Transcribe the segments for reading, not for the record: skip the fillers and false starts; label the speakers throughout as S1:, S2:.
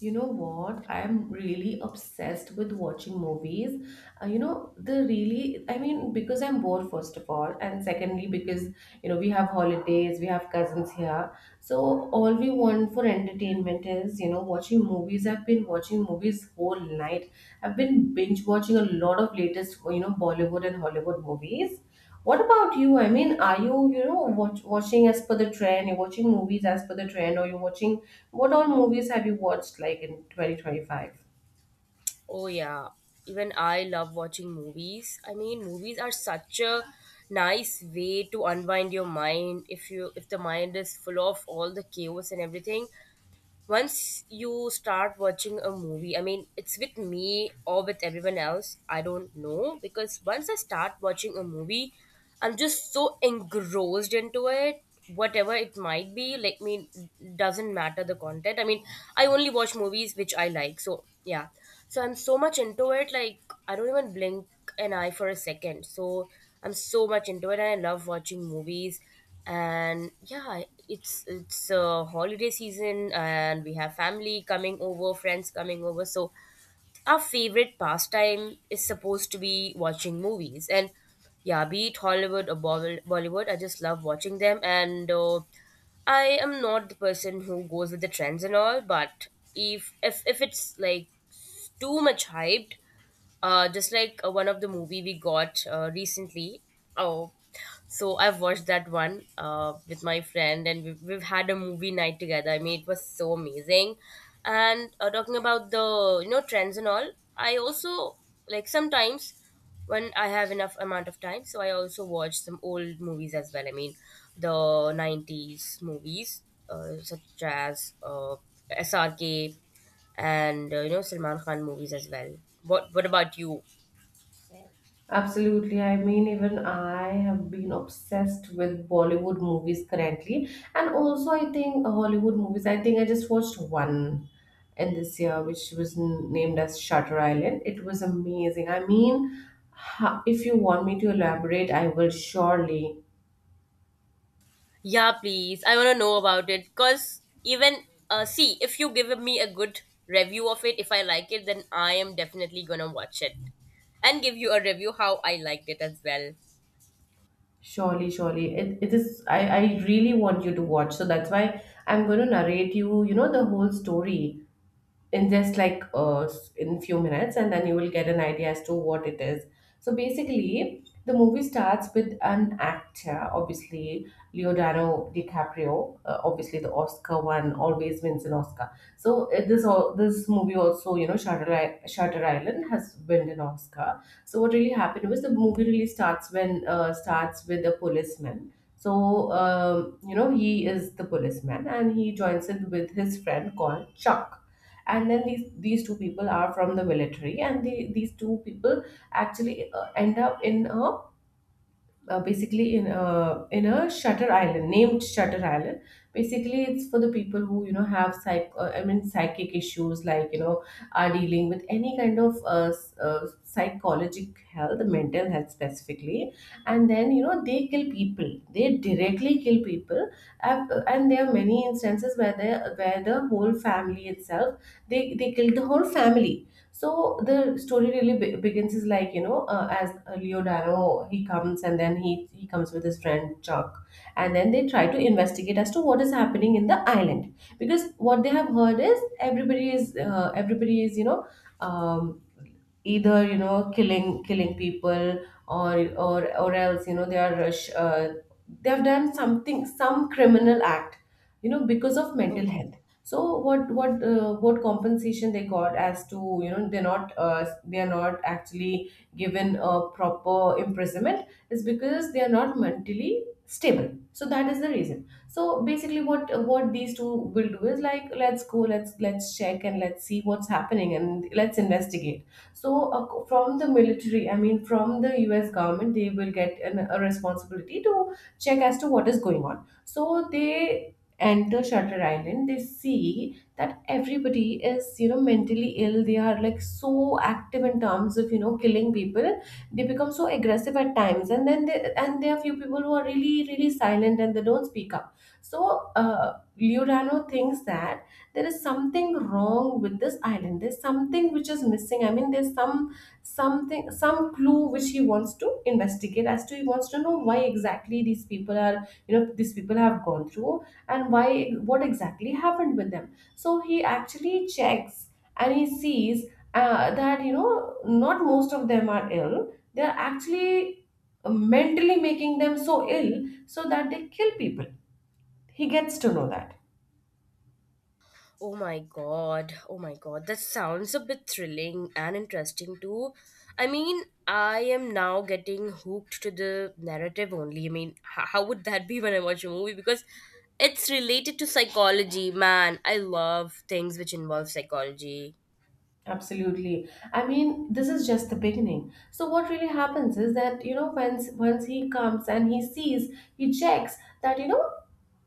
S1: You know what? I'm really obsessed with watching movies. The really, I mean, because I'm bored, first of all, and secondly, because, you know, we have holidays, we have cousins here. So all we want for entertainment is, you know, watching movies. I've been watching movies whole night. I've been binge watching a lot of latest, you know, Bollywood and Hollywood movies. What about you? I mean, are you, watching as per the trend? You're watching movies as per the trend, or you're watching what all movies have you watched like in 2025?
S2: Oh yeah, even I love watching movies. I mean, movies are such a nice way to unwind your mind if you if the mind is full of all the chaos and everything. Once you start watching a movie, I mean, it's with me or with everyone else, I don't know, because once I start watching a movie, I'm just so engrossed into it, whatever it might be. I mean, doesn't matter the content. I mean, I only watch movies which I like, so yeah. So I'm so much into it, like, I don't even blink an eye for a second. So I'm so much into it and I love watching movies. And yeah, it's a holiday season and we have family coming over, friends coming over, so our favorite pastime is supposed to be watching movies. And yeah, be it Hollywood or Bollywood, I just love watching them. And I am not the person who goes with the trends and all, but if it's like too much hyped, just like one of the movie we got recently. Oh, so I've watched that one with my friend, and we've had a movie night together. I mean, it was so amazing. And talking about the trends and all, I also, like, sometimes when I have enough amount of time, so I also watch some old movies as well. I mean, the '90s movies such as SRK and you know, Salman Khan movies as well. What about you?
S1: Absolutely. I mean, even I have been obsessed with Bollywood movies currently, and also I think Hollywood movies. I think I just watched one in this year, which was named as Shutter Island. It was amazing. I mean, if you want me to elaborate, I will surely.
S2: Yeah, please. I wanna know about it. Cause even see, if you give me a good review of it, if I like it, then I am definitely gonna watch it and give you a review how I liked it as well.
S1: Surely, surely. It is, I really want you to watch. So that's why I'm going to narrate you, you know, the whole story in just like in few minutes, and then you will get an idea as to what it is. So basically, the movie starts with an actor, obviously Leonardo DiCaprio. Obviously, the Oscar one always wins an Oscar. So this all, this movie also, you know, Shutter Island has won an Oscar. So what really happened was, the movie really starts when starts with a policeman. So you know, he is the policeman and he joins in with his friend called Chuck. And then these two people are from the military, and these two people actually end up in a basically in a, in a Shutter Island, named Shutter Island. Basically, it's for the people who, you know, have psych I mean psychic issues, like, you know, are dealing with any kind of psychologic health, mental health specifically. And then, you know, they kill people. They directly kill people. And there are many instances where they, where the whole family itself, they kill the whole family. So the story really begins is like, you know, as Leonardo, he comes, and then he comes with his friend Chuck. And then they try to investigate as to what is happening in the island, because what they have heard is, everybody is everybody is, you know, um, either, you know, killing people, or else, you know, they are they have done something, some criminal act, you know, because of mental
S2: Okay.
S1: health. So what compensation they got as to, you know, they're not they are not actually given a proper imprisonment is because they are not mentally stable. So that is the reason. So basically, what these two will do is like, let's go, let's check and let's see what's happening and let's investigate. So, from the military, I mean, from the US government, they will get a responsibility to check as to what is going on. So, they enter Shutter Island, they see that everybody is, you know, mentally ill. They are like so active in terms of, you know, killing people. They become so aggressive at times. And then they, and there are few people who are really, really silent and they don't speak up. So, Giordano thinks that there is something wrong with this island, there's something which is missing. I mean, there's some, something, some clue which he wants to investigate as to, he wants to know why exactly these people are, you know, these people have gone through and why, what exactly happened with them. So he actually checks, and he sees that, you know, not most of them are ill. They're actually mentally making them so ill, so that they kill people. He gets to know that.
S2: Oh my god. Oh my god. That sounds a bit thrilling and interesting too. I mean, I am now getting hooked to the narrative only. I mean, how would that be when I watch a movie? Because it's related to psychology, man. I love things which involve psychology.
S1: Absolutely. I mean, this is just the beginning. So what really happens is that, you know, once he comes, and he sees, he checks that, you know,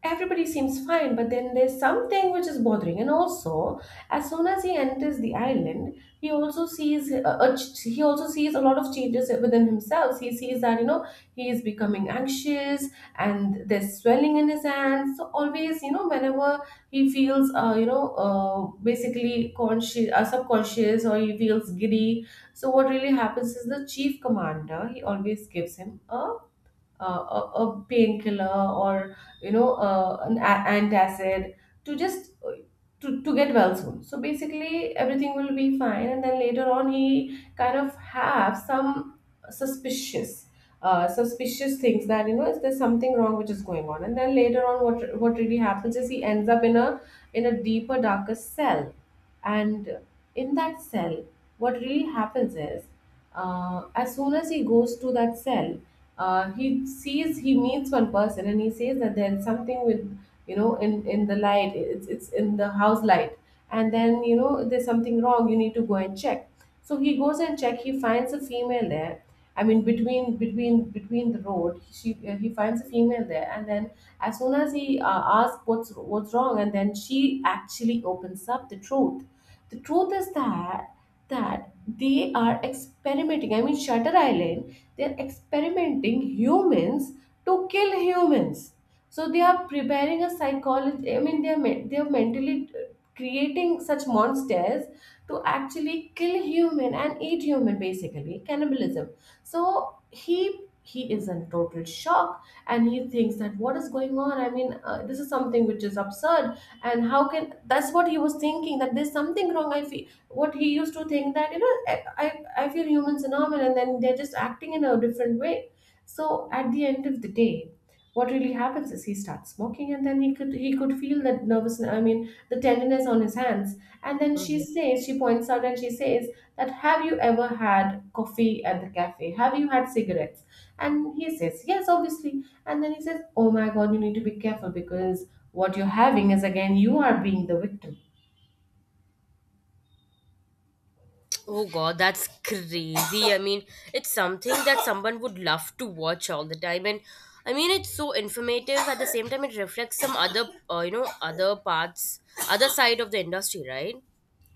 S1: everybody seems fine, but then there's something which is bothering. And also, as soon as he enters the island, he also sees he also sees a lot of changes within himself. He sees that, you know, he is becoming anxious, and there's swelling in his hands. So always, you know, whenever he feels basically conscious, subconscious, or he feels giddy. So what really happens is, the chief commander, he always gives him uh, a, a painkiller or, you know, an antacid to just to get well soon. So basically, everything will be fine, and then later on, he kind of have some suspicious, suspicious things that, you know, is there something wrong which is going on. And then later on, what really happens is, he ends up in a, in a deeper, darker cell. And in that cell, what really happens is, as soon as he goes to that cell, he sees, he meets one person, and he says that there's something with, you know, in the light, it's in the house light. And then, you know, there's something wrong, you need to go and check. So he goes and check, he finds a female there. I mean, between the road, she he finds a female there. And then, as soon as he asks what's wrong, and then she actually opens up the truth. The truth is that, that they are experimenting, I mean Shutter Island, they're experimenting humans to kill humans. So they are preparing a psychology. I mean, they're mentally creating such monsters to actually kill human and eat human, basically cannibalism. So he is in total shock, and he thinks that, what is going on? I mean, this is something which is absurd. And how can, that's what he was thinking, that there's something wrong, I feel. What he used to think that, you know, I I feel humans are normal, and then they're just acting in a different way. So at the end of the day, what really happens is, he starts smoking, and then he could, he could feel that nervous, I mean, the tenderness on his hands. And then she says, she points out, and she says that, have you ever had coffee at the cafe? Have you had cigarettes? And he says, yes, obviously. And then he says, oh my god, you need to be careful, because what you're having is again, you are being the victim.
S2: Oh god, that's crazy. I mean, it's something that someone would love to watch all the time. And I mean, it's so informative. At the same time, it reflects some other you know, other parts, other side of the industry, right?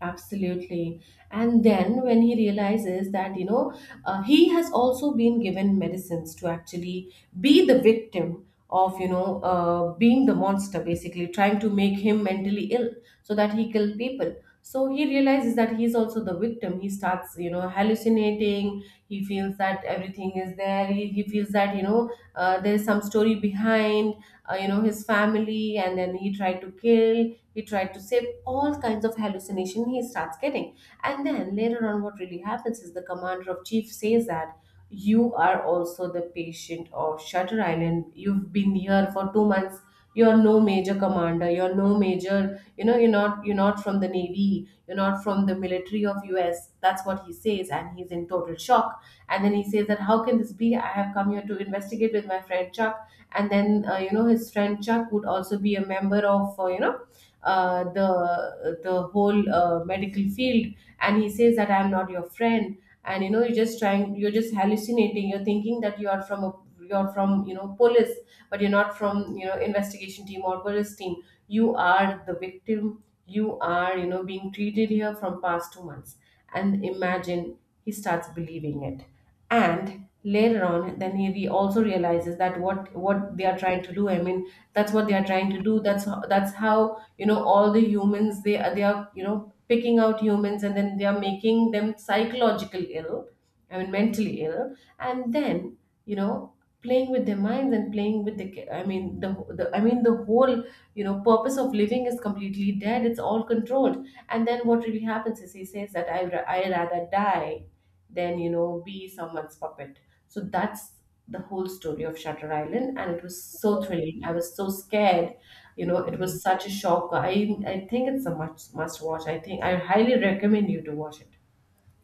S1: Absolutely. And then when he realizes that, you know, he has also been given medicines to actually be the victim of, you know, being the monster, basically trying to make him mentally ill so that he kill people. So he realizes that he's also the victim. He starts, you know, hallucinating. He feels that everything is there. He feels that, you know, there is some story behind, you know, his family, and then he tried to kill, he tried to save, all kinds of hallucination he starts getting. And then later on, what really happens is, the commander of chief says that, you are also the patient of Shutter Island. You've been here for 2 months. You're no major commander. You're no major. You know, you're not. You're not from the navy. You're not from the military of US. That's what he says, and he's in total shock. And then he says that, how can this be? I have come here to investigate with my friend Chuck. And then you know, his friend Chuck would also be a member of you know, the whole medical field. And he says that I'm not your friend, and you know, you're just hallucinating. You're thinking that you are from a, you're from, you know, police, but you're not from, you know, investigation team or police team. You are the victim. You are, you know, being treated here from past 2 months. And imagine, he starts believing it. And later on, then he also realizes that what they are trying to do, I mean, that's what they are trying to do. That's how, you know, all the humans, they are, you know, picking out humans, and then they are making them psychological ill, I mean mentally ill. And then, you know, playing with their minds and playing with the I mean the, I mean the whole, you know, purpose of living is completely dead. It's all controlled. And then what really happens is he says that I rather die than, you know, be someone's puppet. So that's the whole story of Shutter Island, and it was so thrilling. I was so scared, you know. It was such a shock. I think it's a must watch. I think I highly recommend you to watch it.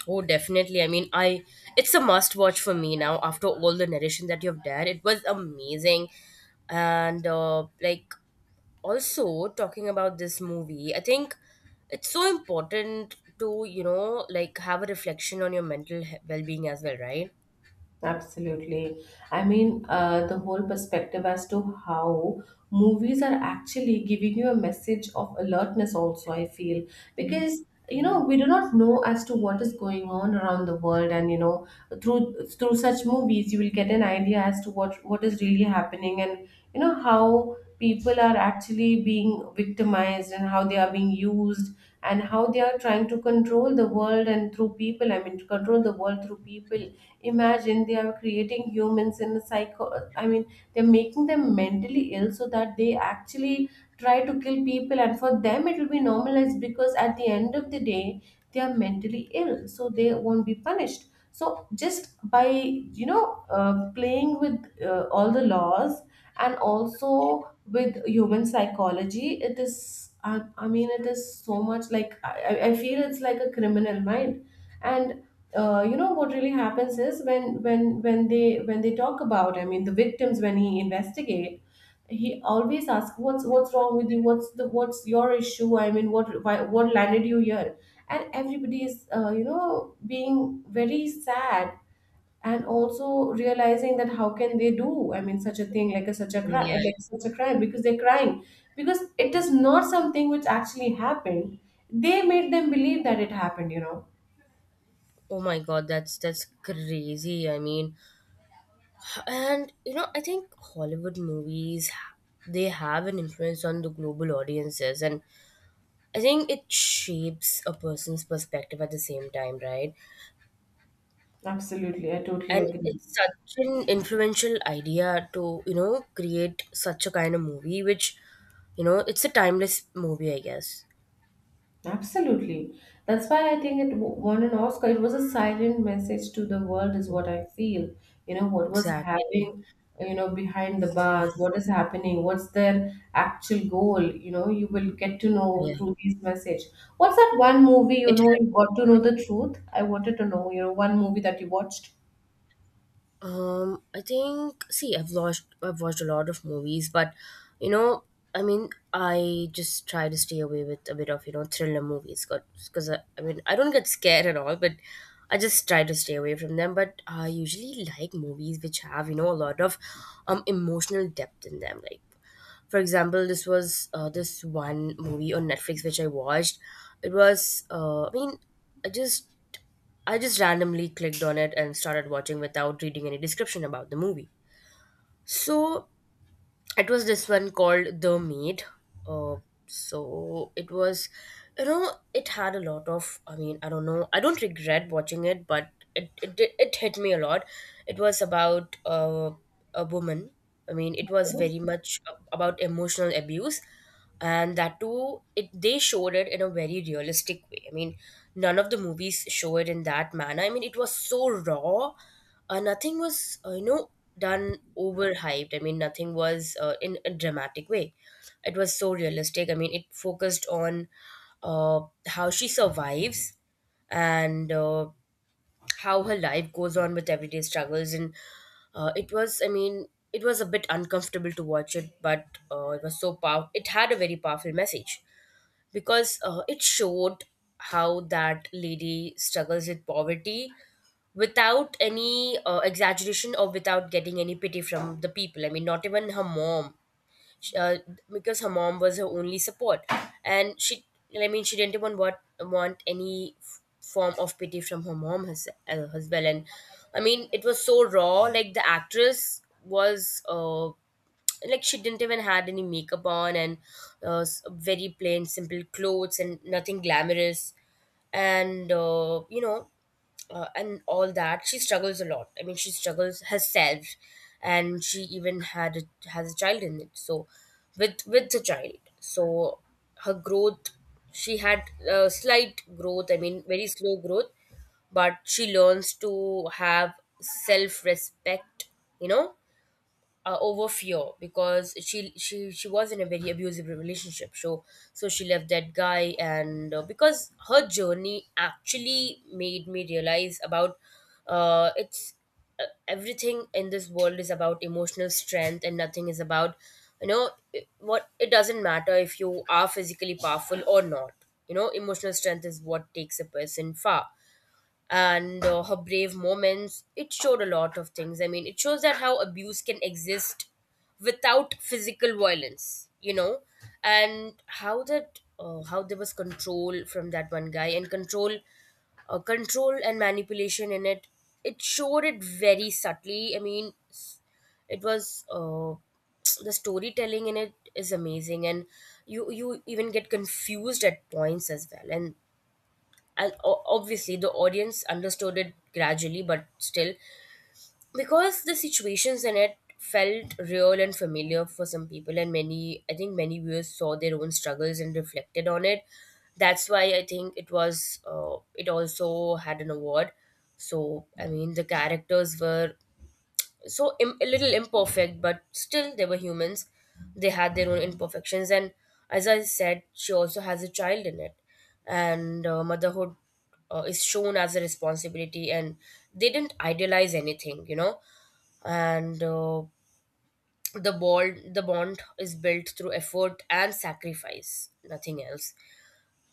S2: Oh, definitely. I mean, I, it's a must watch for me now after all the narration that you've done. It was amazing. And like also talking about this movie, I think it's so important to, you know, like, have a reflection on your mental well-being as well, right?
S1: Absolutely. I mean, the whole perspective as to how movies are actually giving you a message of alertness, also, I feel, because you know, we do not know as to what is going on around the world. And you know, through such movies, you will get an idea as to what is really happening. And you know, how people are actually being victimized, and how they are being used, and how they are trying to control the world, and through people, I mean, to control the world through people. Imagine, they are creating humans in a psycho, I mean, they're making them mentally ill so that they actually try to kill people. And for them, it will be normalized, because at the end of the day, they are mentally ill, so they won't be punished. So just by, you know, playing with all the laws, and also with human psychology, it is, I mean, it is so much like, I feel it's like a criminal mind. And you know, what really happens is, when when they, when they talk about, I mean, the victims, when he investigate, he always asks, what's wrong with you, what's the, what's your issue, I mean, what, what landed you here. And everybody is, you know, being very sad, and also realizing that how can they do, I mean, such a thing, like a, such a crime,
S2: Yeah.
S1: like such a crime, because they're crying, because it is not something which actually happened. They made them believe that it happened, you know.
S2: Oh my God, that's crazy. I mean, and you know, I think Hollywood movies, they have an influence on the global audiences, and I think it shapes a person's perspective at the same time, right?
S1: Absolutely, I totally
S2: And
S1: agree.
S2: it's such an influential idea to, you know, create such a kind of movie, which, you know, it's a timeless movie, I guess.
S1: Absolutely. That's why I think it won an Oscar. It was a silent message to the world, is what I feel. You know, what was
S2: Exactly.
S1: happening, you know, behind the bars, what is happening, what's their actual goal, you know, you will get to know
S2: Yeah.
S1: through this message. What's that one movie, you
S2: It,
S1: know, you got to know the truth? I wanted to know, you know, one movie that you watched.
S2: I think, see, I've watched a lot of movies, but you know, I mean, I just try to stay away with a bit of, you know, thriller movies, because I mean, I don't get scared at all, but I just try to stay away from them. But I usually like movies which have, you know, a lot of emotional depth in them, like, for example, this was this one movie on Netflix which I watched. It was I mean, i just I just randomly clicked on it and started watching without reading any description about the movie. So it was this one called The Maid. Uh, so it was, you know, it had a lot of. I mean, I don't know. I don't regret watching it, but it hit me a lot. It was about a woman. I mean, it was very much about emotional abuse, and that too, it, they showed it in a very realistic way. I mean, none of the movies show it in that manner. I mean, it was so raw. Nothing was, you know, done overhyped. I mean, nothing was, in a dramatic way. It was so realistic. I mean, it focused on uh, how she survives, and how her life goes on with everyday struggles. And it was, I mean, it was a bit uncomfortable to watch it, but it was so powerful. It had a very powerful message because it showed how that lady struggles with poverty without any exaggeration or without getting any pity from the people. I mean, not even her mom. sh- uh, because her mom was her only support, and she, I mean, she didn't even want any form of pity from her mom as well. And I mean, it was so raw. Like, the actress was, like, she didn't even had any makeup on, and very plain simple clothes and nothing glamorous. And you know, and all that, she struggles a lot. I mean, she struggles herself, and she even has a child in it, so with the child. So her growth, she had a slight growth, I mean, very slow growth, but she learns to have self respect, you know, over fear, because she was in a very abusive relationship. So, so she left that guy. And Because her journey actually made me realize about it's everything in this world is about emotional strength and nothing is about, you know, what, it doesn't matter if you are physically powerful or not, you know, emotional strength is what takes a person far. And her brave moments, it showed a lot of things. I mean, it shows that how abuse can exist without physical violence, you know. And how that, how there was control from that one guy, and control, control and manipulation in it. It showed it very subtly. I mean, it was, the storytelling in it is amazing. And you even get confused at points as well. And obviously the audience understood it gradually, but still, because the situations in it felt real and familiar for some people, and many, I think many viewers saw their own struggles and reflected on it. That's why I think it was, it also had an award. So I mean, the characters were so a little imperfect, but still they were humans. They had their own imperfections. And as I said, she also has a child in it. And motherhood, is shown as a responsibility, and they didn't idealize anything, you know. And The bond is built through effort and sacrifice, nothing else.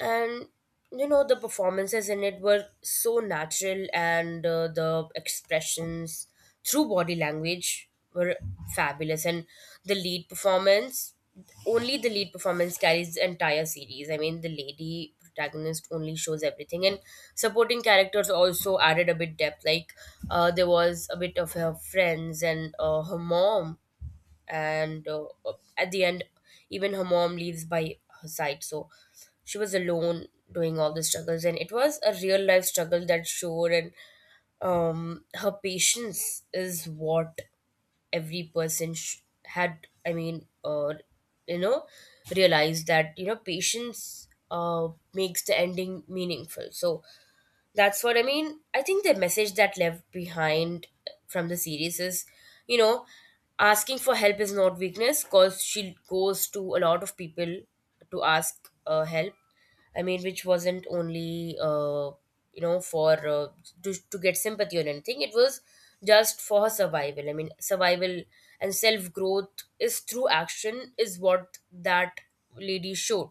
S2: And you know, the performances in it were so natural. And the expressions through body language were fabulous. And the lead performance, only the lead performance carries the entire series. I mean, the lady protagonist only shows everything. And supporting characters also added a bit depth, like, there was a bit of her friends and her mom. And at the end, even her mom leaves by her side, so she was alone doing all the struggles. And it was a real life struggle that showed. And her patience is what every person had. I mean, you know, realized that you know, patience, makes the ending meaningful. So that's what I mean. I think the message that left behind from the series is, you know, asking for help is not weakness, because she goes to a lot of people to ask help. I mean, which wasn't only, you know, for, to get sympathy or anything. It was just for her survival. I mean, survival and self growth is through action, is what that lady showed.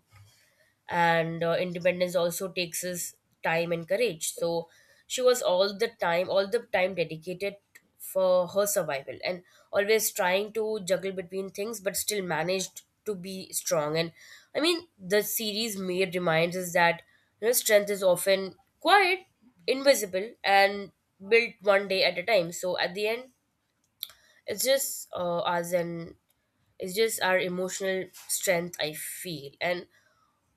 S2: And independence also takes us time and courage. So she was all the time dedicated for her survival, and always trying to juggle between things but still managed to be strong. And I mean, the series made reminds us that, you know, strength is often quiet, invisible, and built one day at a time. So at the end, it's just, us, and it's just our emotional strength, I feel. and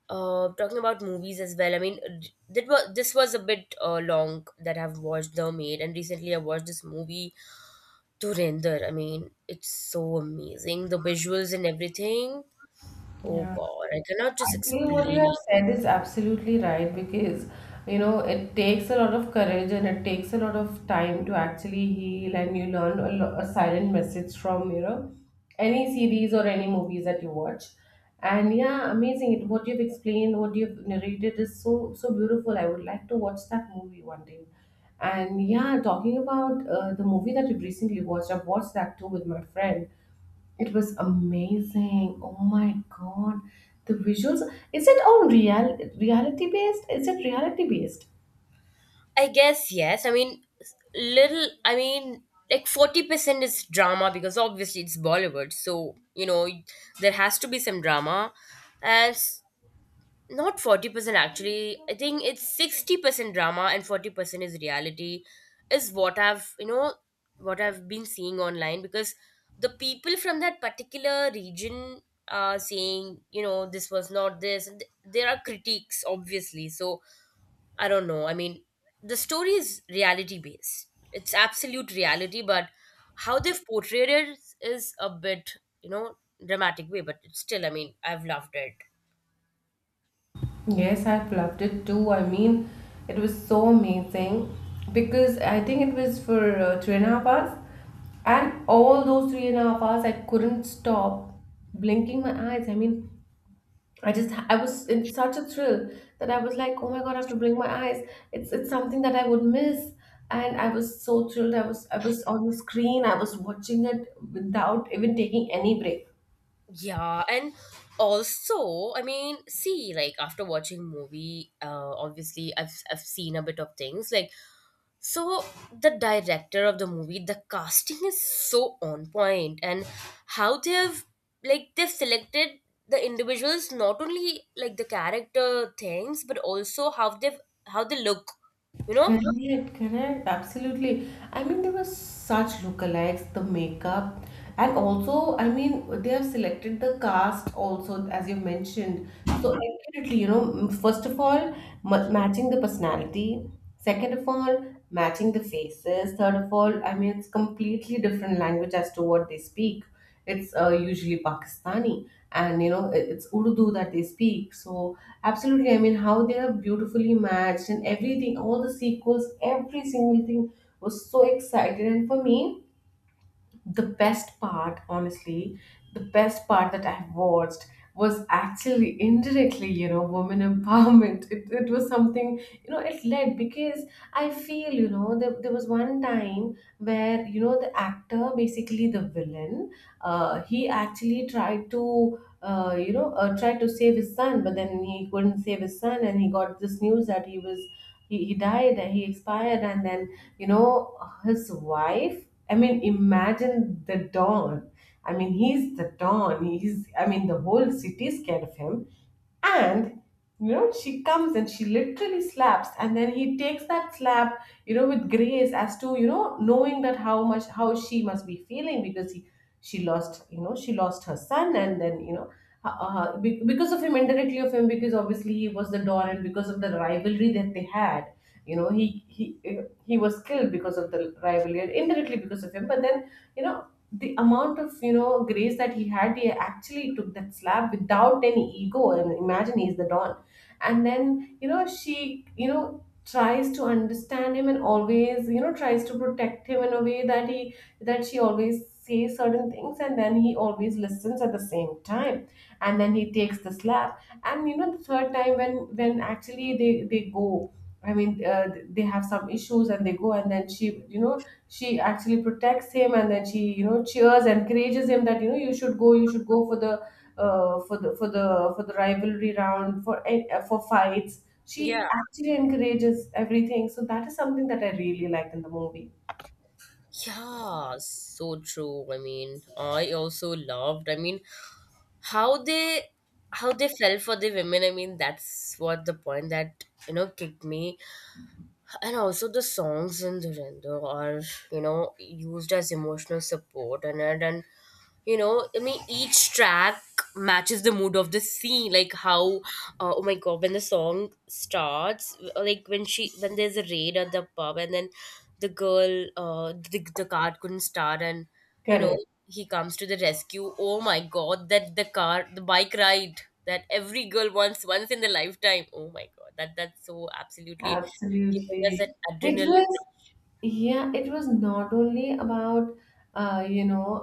S2: uh, talking about movies as well, I mean, that was, this was a bit, long that I've watched The Maid. And recently I watched this movie Dhurandhar. I mean, it's so amazing, the visuals and everything. Oh
S1: Yeah.
S2: God, I cannot just
S1: Actually, what you
S2: explain.
S1: have said is absolutely right, because you know, it takes a lot of courage, and it takes a lot of time to actually heal. And you learn a, a silent message from, you know, any series or any movies that you watch. And yeah, amazing! It what you've explained, what you've narrated is so so beautiful. I would like to watch that movie one day. And yeah, talking about the movie that you've recently watched, I've watched that too with my friend. It was amazing. Oh my god. The visuals. Is it on real reality based? Is it reality based?
S2: I guess yes. I mean, little. Like 40% is drama because obviously it's Bollywood, so you know there has to be some drama, and not 40% actually. I think it's 60% drama and 40% is reality is what I've what I've been seeing online because the people from that particular region are saying, you know, this was not this, and there are critiques obviously. So I don't know. I mean, the story is reality based, it's absolute reality, but how they've portrayed it is a bit, you know, dramatic way. But it's still, I mean I've loved it.
S1: Yes, I've loved it too. I mean, it was so amazing, because I think it was for three and a half hours, and all those three and a half hours, I couldn't stop blinking my eyes. I mean, I was in such a thrill that I was like, oh my god, I have to bring my eyes. It's something that I would miss. And I was so thrilled. I was on the screen. I was watching it without even taking any break.
S2: Yeah, and also, I mean, see, like after watching movie, obviously I've seen a bit of things like, so the director of the movie, the casting is so on point, and how they have, like they've selected the individuals, not only like the character things but also how they've, how they look, you know?
S1: Correct, correct, absolutely. I mean, there were such lookalikes, the makeup. And also, I mean, they have selected the cast also, as you mentioned, so accurately, you know. First of all, ma matching the personality, second of all, matching the faces, third of all, I mean, it's completely different language as to what they speak. It's usually Pakistani, and you know, it's Urdu that they speak. So absolutely, I mean, how they are beautifully matched and everything. All the sequels, every single thing was so exciting. And for me, the best part, honestly, the best part that I've watched was actually indirectly, you know, women empowerment. It was something, you know, it led, because I feel, you know, there was one time where, you know, the actor, basically the villain, he actually tried to. You know, tried to save his son, but then he couldn't save his son. And he got this news that he was, he died, and he expired. And then, you know, his wife, I mean, imagine the Don. I mean, he's the Don. He's, I mean, the whole city is scared of him. And you know, she comes and she literally slaps, and then he takes that slap, you know, with grace, as to, you know, knowing that how much, how she must be feeling, because he, she lost, you know, she lost her son. And then you know. Because of him, indirectly of him, because obviously he was the don, and because of the rivalry that they had, you know, he he was killed because of the rivalry, and indirectly because of him. But then, you know, the amount of, you know, grace that he had, he actually took that slap without any ego. And imagine he's the don. And then, you know, she, you know, tries to understand him, and always, you know, tries to protect him in a way that he, that she always says certain things, and then he always listens at the same time. And then he takes the slap. And you know, the third time when, actually they go, I mean, they have some issues and they go. And then she, you know, she actually protects him, and then she, you know, cheers, encourages him that you know, you should go, for the for the rivalry round, for for fights.
S2: Yeah.
S1: She actually encourages everything. So that is something that I really liked in the movie.
S2: Yeah, so true. I mean, I also loved. I mean, how they, how they fell for the women. I mean that's what the point that, you know, kicked me. And also the songs in Dhurandhar are, you know, used as emotional support in it. And, you know, I mean each track matches the mood of the scene. Like how, oh my god, when the song starts, like when she, when there's a raid at the pub, and then the girl, the car couldn't start, and you know,
S1: Correct.
S2: he comes to the rescue. Oh my god, that the car, the bike ride that every girl wants once in the lifetime. Oh my god, that, that's so absolutely giving us an
S1: Absolutely, it
S2: adrenaline.
S1: was. Yeah, it was not only about you know,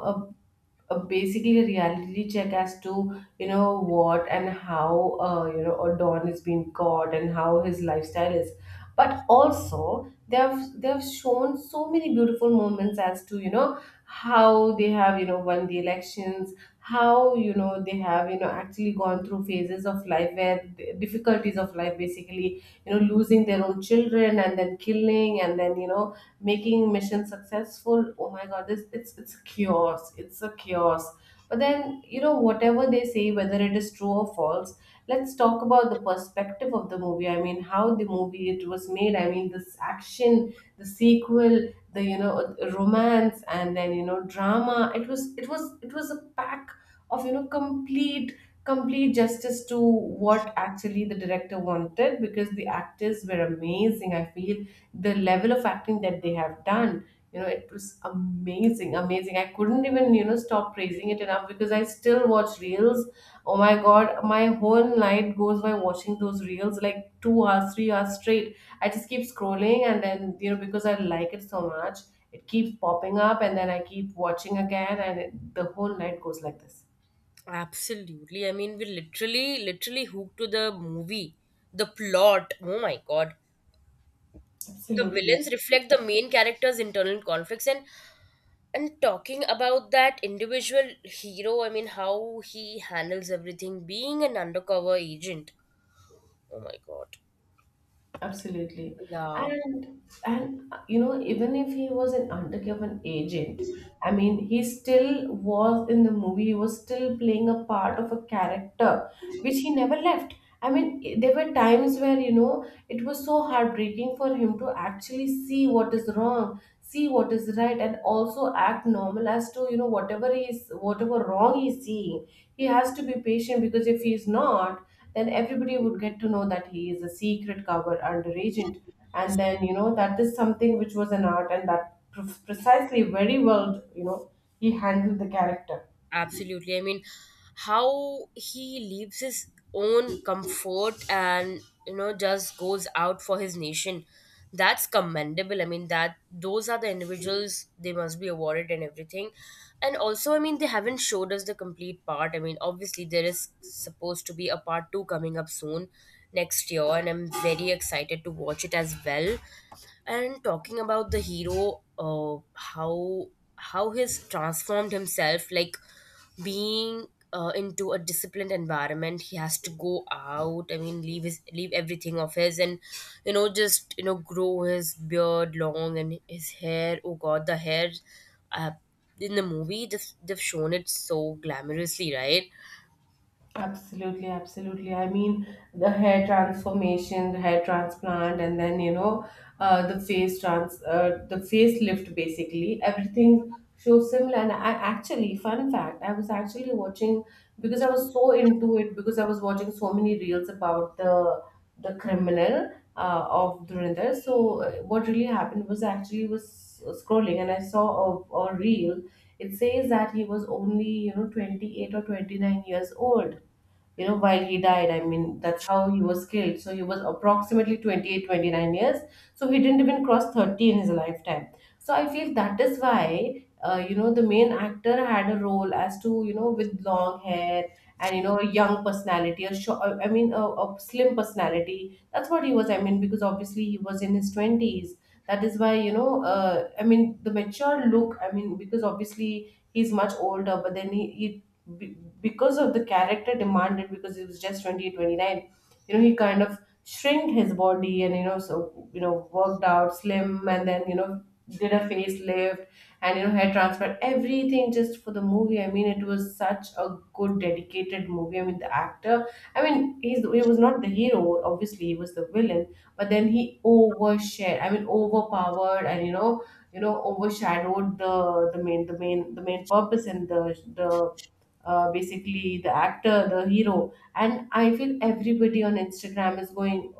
S1: a basically a reality check as to you know, what and how, you know, Odon is being caught, and how his lifestyle is. But also they have, shown so many beautiful moments as to, you know, how they have, you know, won the elections, how, you know, they have, you know, actually gone through phases of life where difficulties of life, basically, you know, losing their own children, and then killing, and then, you know, making mission successful. Oh my god, this, it's chaos, it's a chaos. But then, you know, whatever they say, whether it is true or false, let's talk about the perspective of the movie. I mean, how the movie it was made, I mean, this action, the sequel, the, you know, romance, and then, you know, drama. It was a pack of, you know, complete complete justice to what actually the director wanted, because the actors were amazing, I feel. The level of acting that they have done, you know, it was amazing, amazing. I couldn't even, you know, stop praising it enough, because I still watch reels. Oh my god, my whole night goes by watching those reels like 2 hours, 3 hours straight. I just keep scrolling, and then, you know, because I like it so much, it keeps popping up, and then I keep watching again. And the whole night goes like this.
S2: Absolutely. I mean, we literally, literally hooked to the movie, the plot. Oh my God. The
S1: Absolutely.
S2: villains reflect the main character's internal conflicts, and talking about that individual hero, I mean, how he handles everything, being an undercover agent. Oh my God.
S1: Absolutely.
S2: Yeah.
S1: And you know, even if he was an undercover agent, I mean, he still was in the movie, he was still playing a part of a character which he never left. I mean, there were times where, you know, it was so heartbreaking for him to actually see what is wrong, see what is right, and also act normal as to, you know, whatever he is, whatever wrong he's seeing. He has to be patient, because if he's not, then everybody would get to know that he is a secret cover under agent. And then, you know, that is something which was an art, and that precisely very well, you know, he handled the character.
S2: Absolutely. I mean, how he leaves his own comfort and, you know, just goes out for his nation. That's commendable. I mean, that those are the individuals, they must be awarded and everything. And also, I mean, they haven't showed us the complete part. I mean, obviously, there is supposed to be a part two coming up soon next year, and I'm very excited to watch it as well. And talking about the hero, how he's transformed himself, like being into a disciplined environment, he has to go out. I mean, leave everything of his, and you know, just you know, grow his beard long and his hair. Oh God, the hair! Uh, in the movie, they've shown it so glamorously, right?
S1: Absolutely, absolutely. I mean, the hair transformation, the hair transplant, and then, you know, the face trans, the facelift. Basically, everything shows similar. And I actually, fun fact, I was actually watching, because I was so into it, because I was watching so many reels about the criminal of Dhurandhar. So what really happened was, I actually was scrolling and I saw a reel. It says that he was only, you know, 28 or 29 years old, you know, while he died. I mean, that's how he was killed. So he was approximately 28, 29 years. So he didn't even cross 30 in his lifetime. So I feel that is why, you know, the main actor had a role as to, you know, with long hair, and you know, a young personality, a short, I mean a slim personality. That's what he was, I mean, because obviously he was in his 20s. That is why, you know, I mean the mature look, I mean, because obviously he's much older. But then he, because of the character demanded, because he was just 28, 29, you know, he kind of shrinked his body, and you know, so, you know, worked out slim, and then, you know, did a facelift, and you know, hair transplant, everything just for the movie. I mean, it was such a good dedicated movie. I mean, the actor, I mean, he was not the hero, obviously he was the villain. But then he overshared, I mean overpowered, and you know, overshadowed the main purpose, and the basically the actor, the hero. And I feel everybody on Instagram is going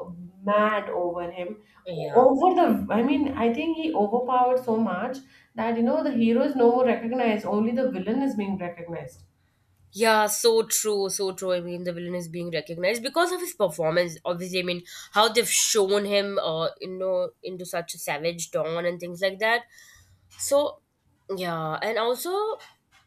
S1: mad over him.
S2: Yeah.
S1: Over the, I mean, I think he overpowered so much that you know, the hero is no more recognized, only the villain is being recognized.
S2: Yeah, so true, so true. I mean, the villain is being recognized because of his performance. Obviously, I mean, how they've shown him, you know, into such a savage dawn and things like that. So, yeah, and also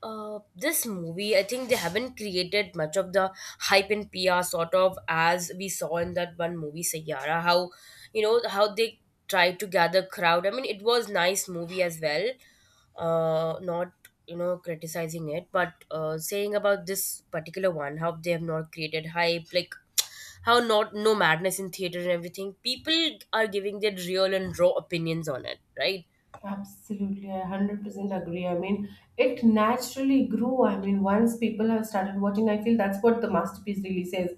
S2: this movie, I think they haven't created much of the hype in PR, sort of as we saw in that one movie, Sayyara. How, you know how they tried to gather crowd. I mean, it was nice movie as well. Not, you know, criticizing it, but saying about this particular one, how they have not created hype, like how, not no madness in theater and everything. People are giving their real and raw opinions on it, right?
S1: Absolutely, I 100% agree. I mean, it naturally grew. I mean, once people have started watching, I feel that's what the masterpiece really says.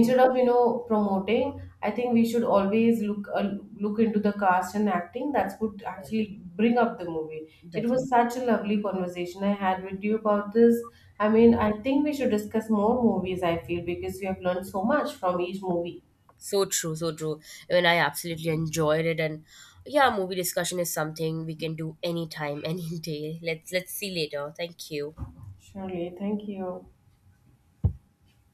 S2: Yeah,
S1: of, you know, promoting, I think we should always look, look into the cast and acting. That's what actually bring up the movie. It was
S2: definitely.
S1: such a lovely conversation I had with you about this. I mean, I think we should discuss more movies, I feel, because we have learned so much from each movie.
S2: So true, so true. I mean, I absolutely enjoyed it, and yeah, movie discussion is something we can do anytime, any day. Let's see later. Thank you.
S1: Surely, thank you.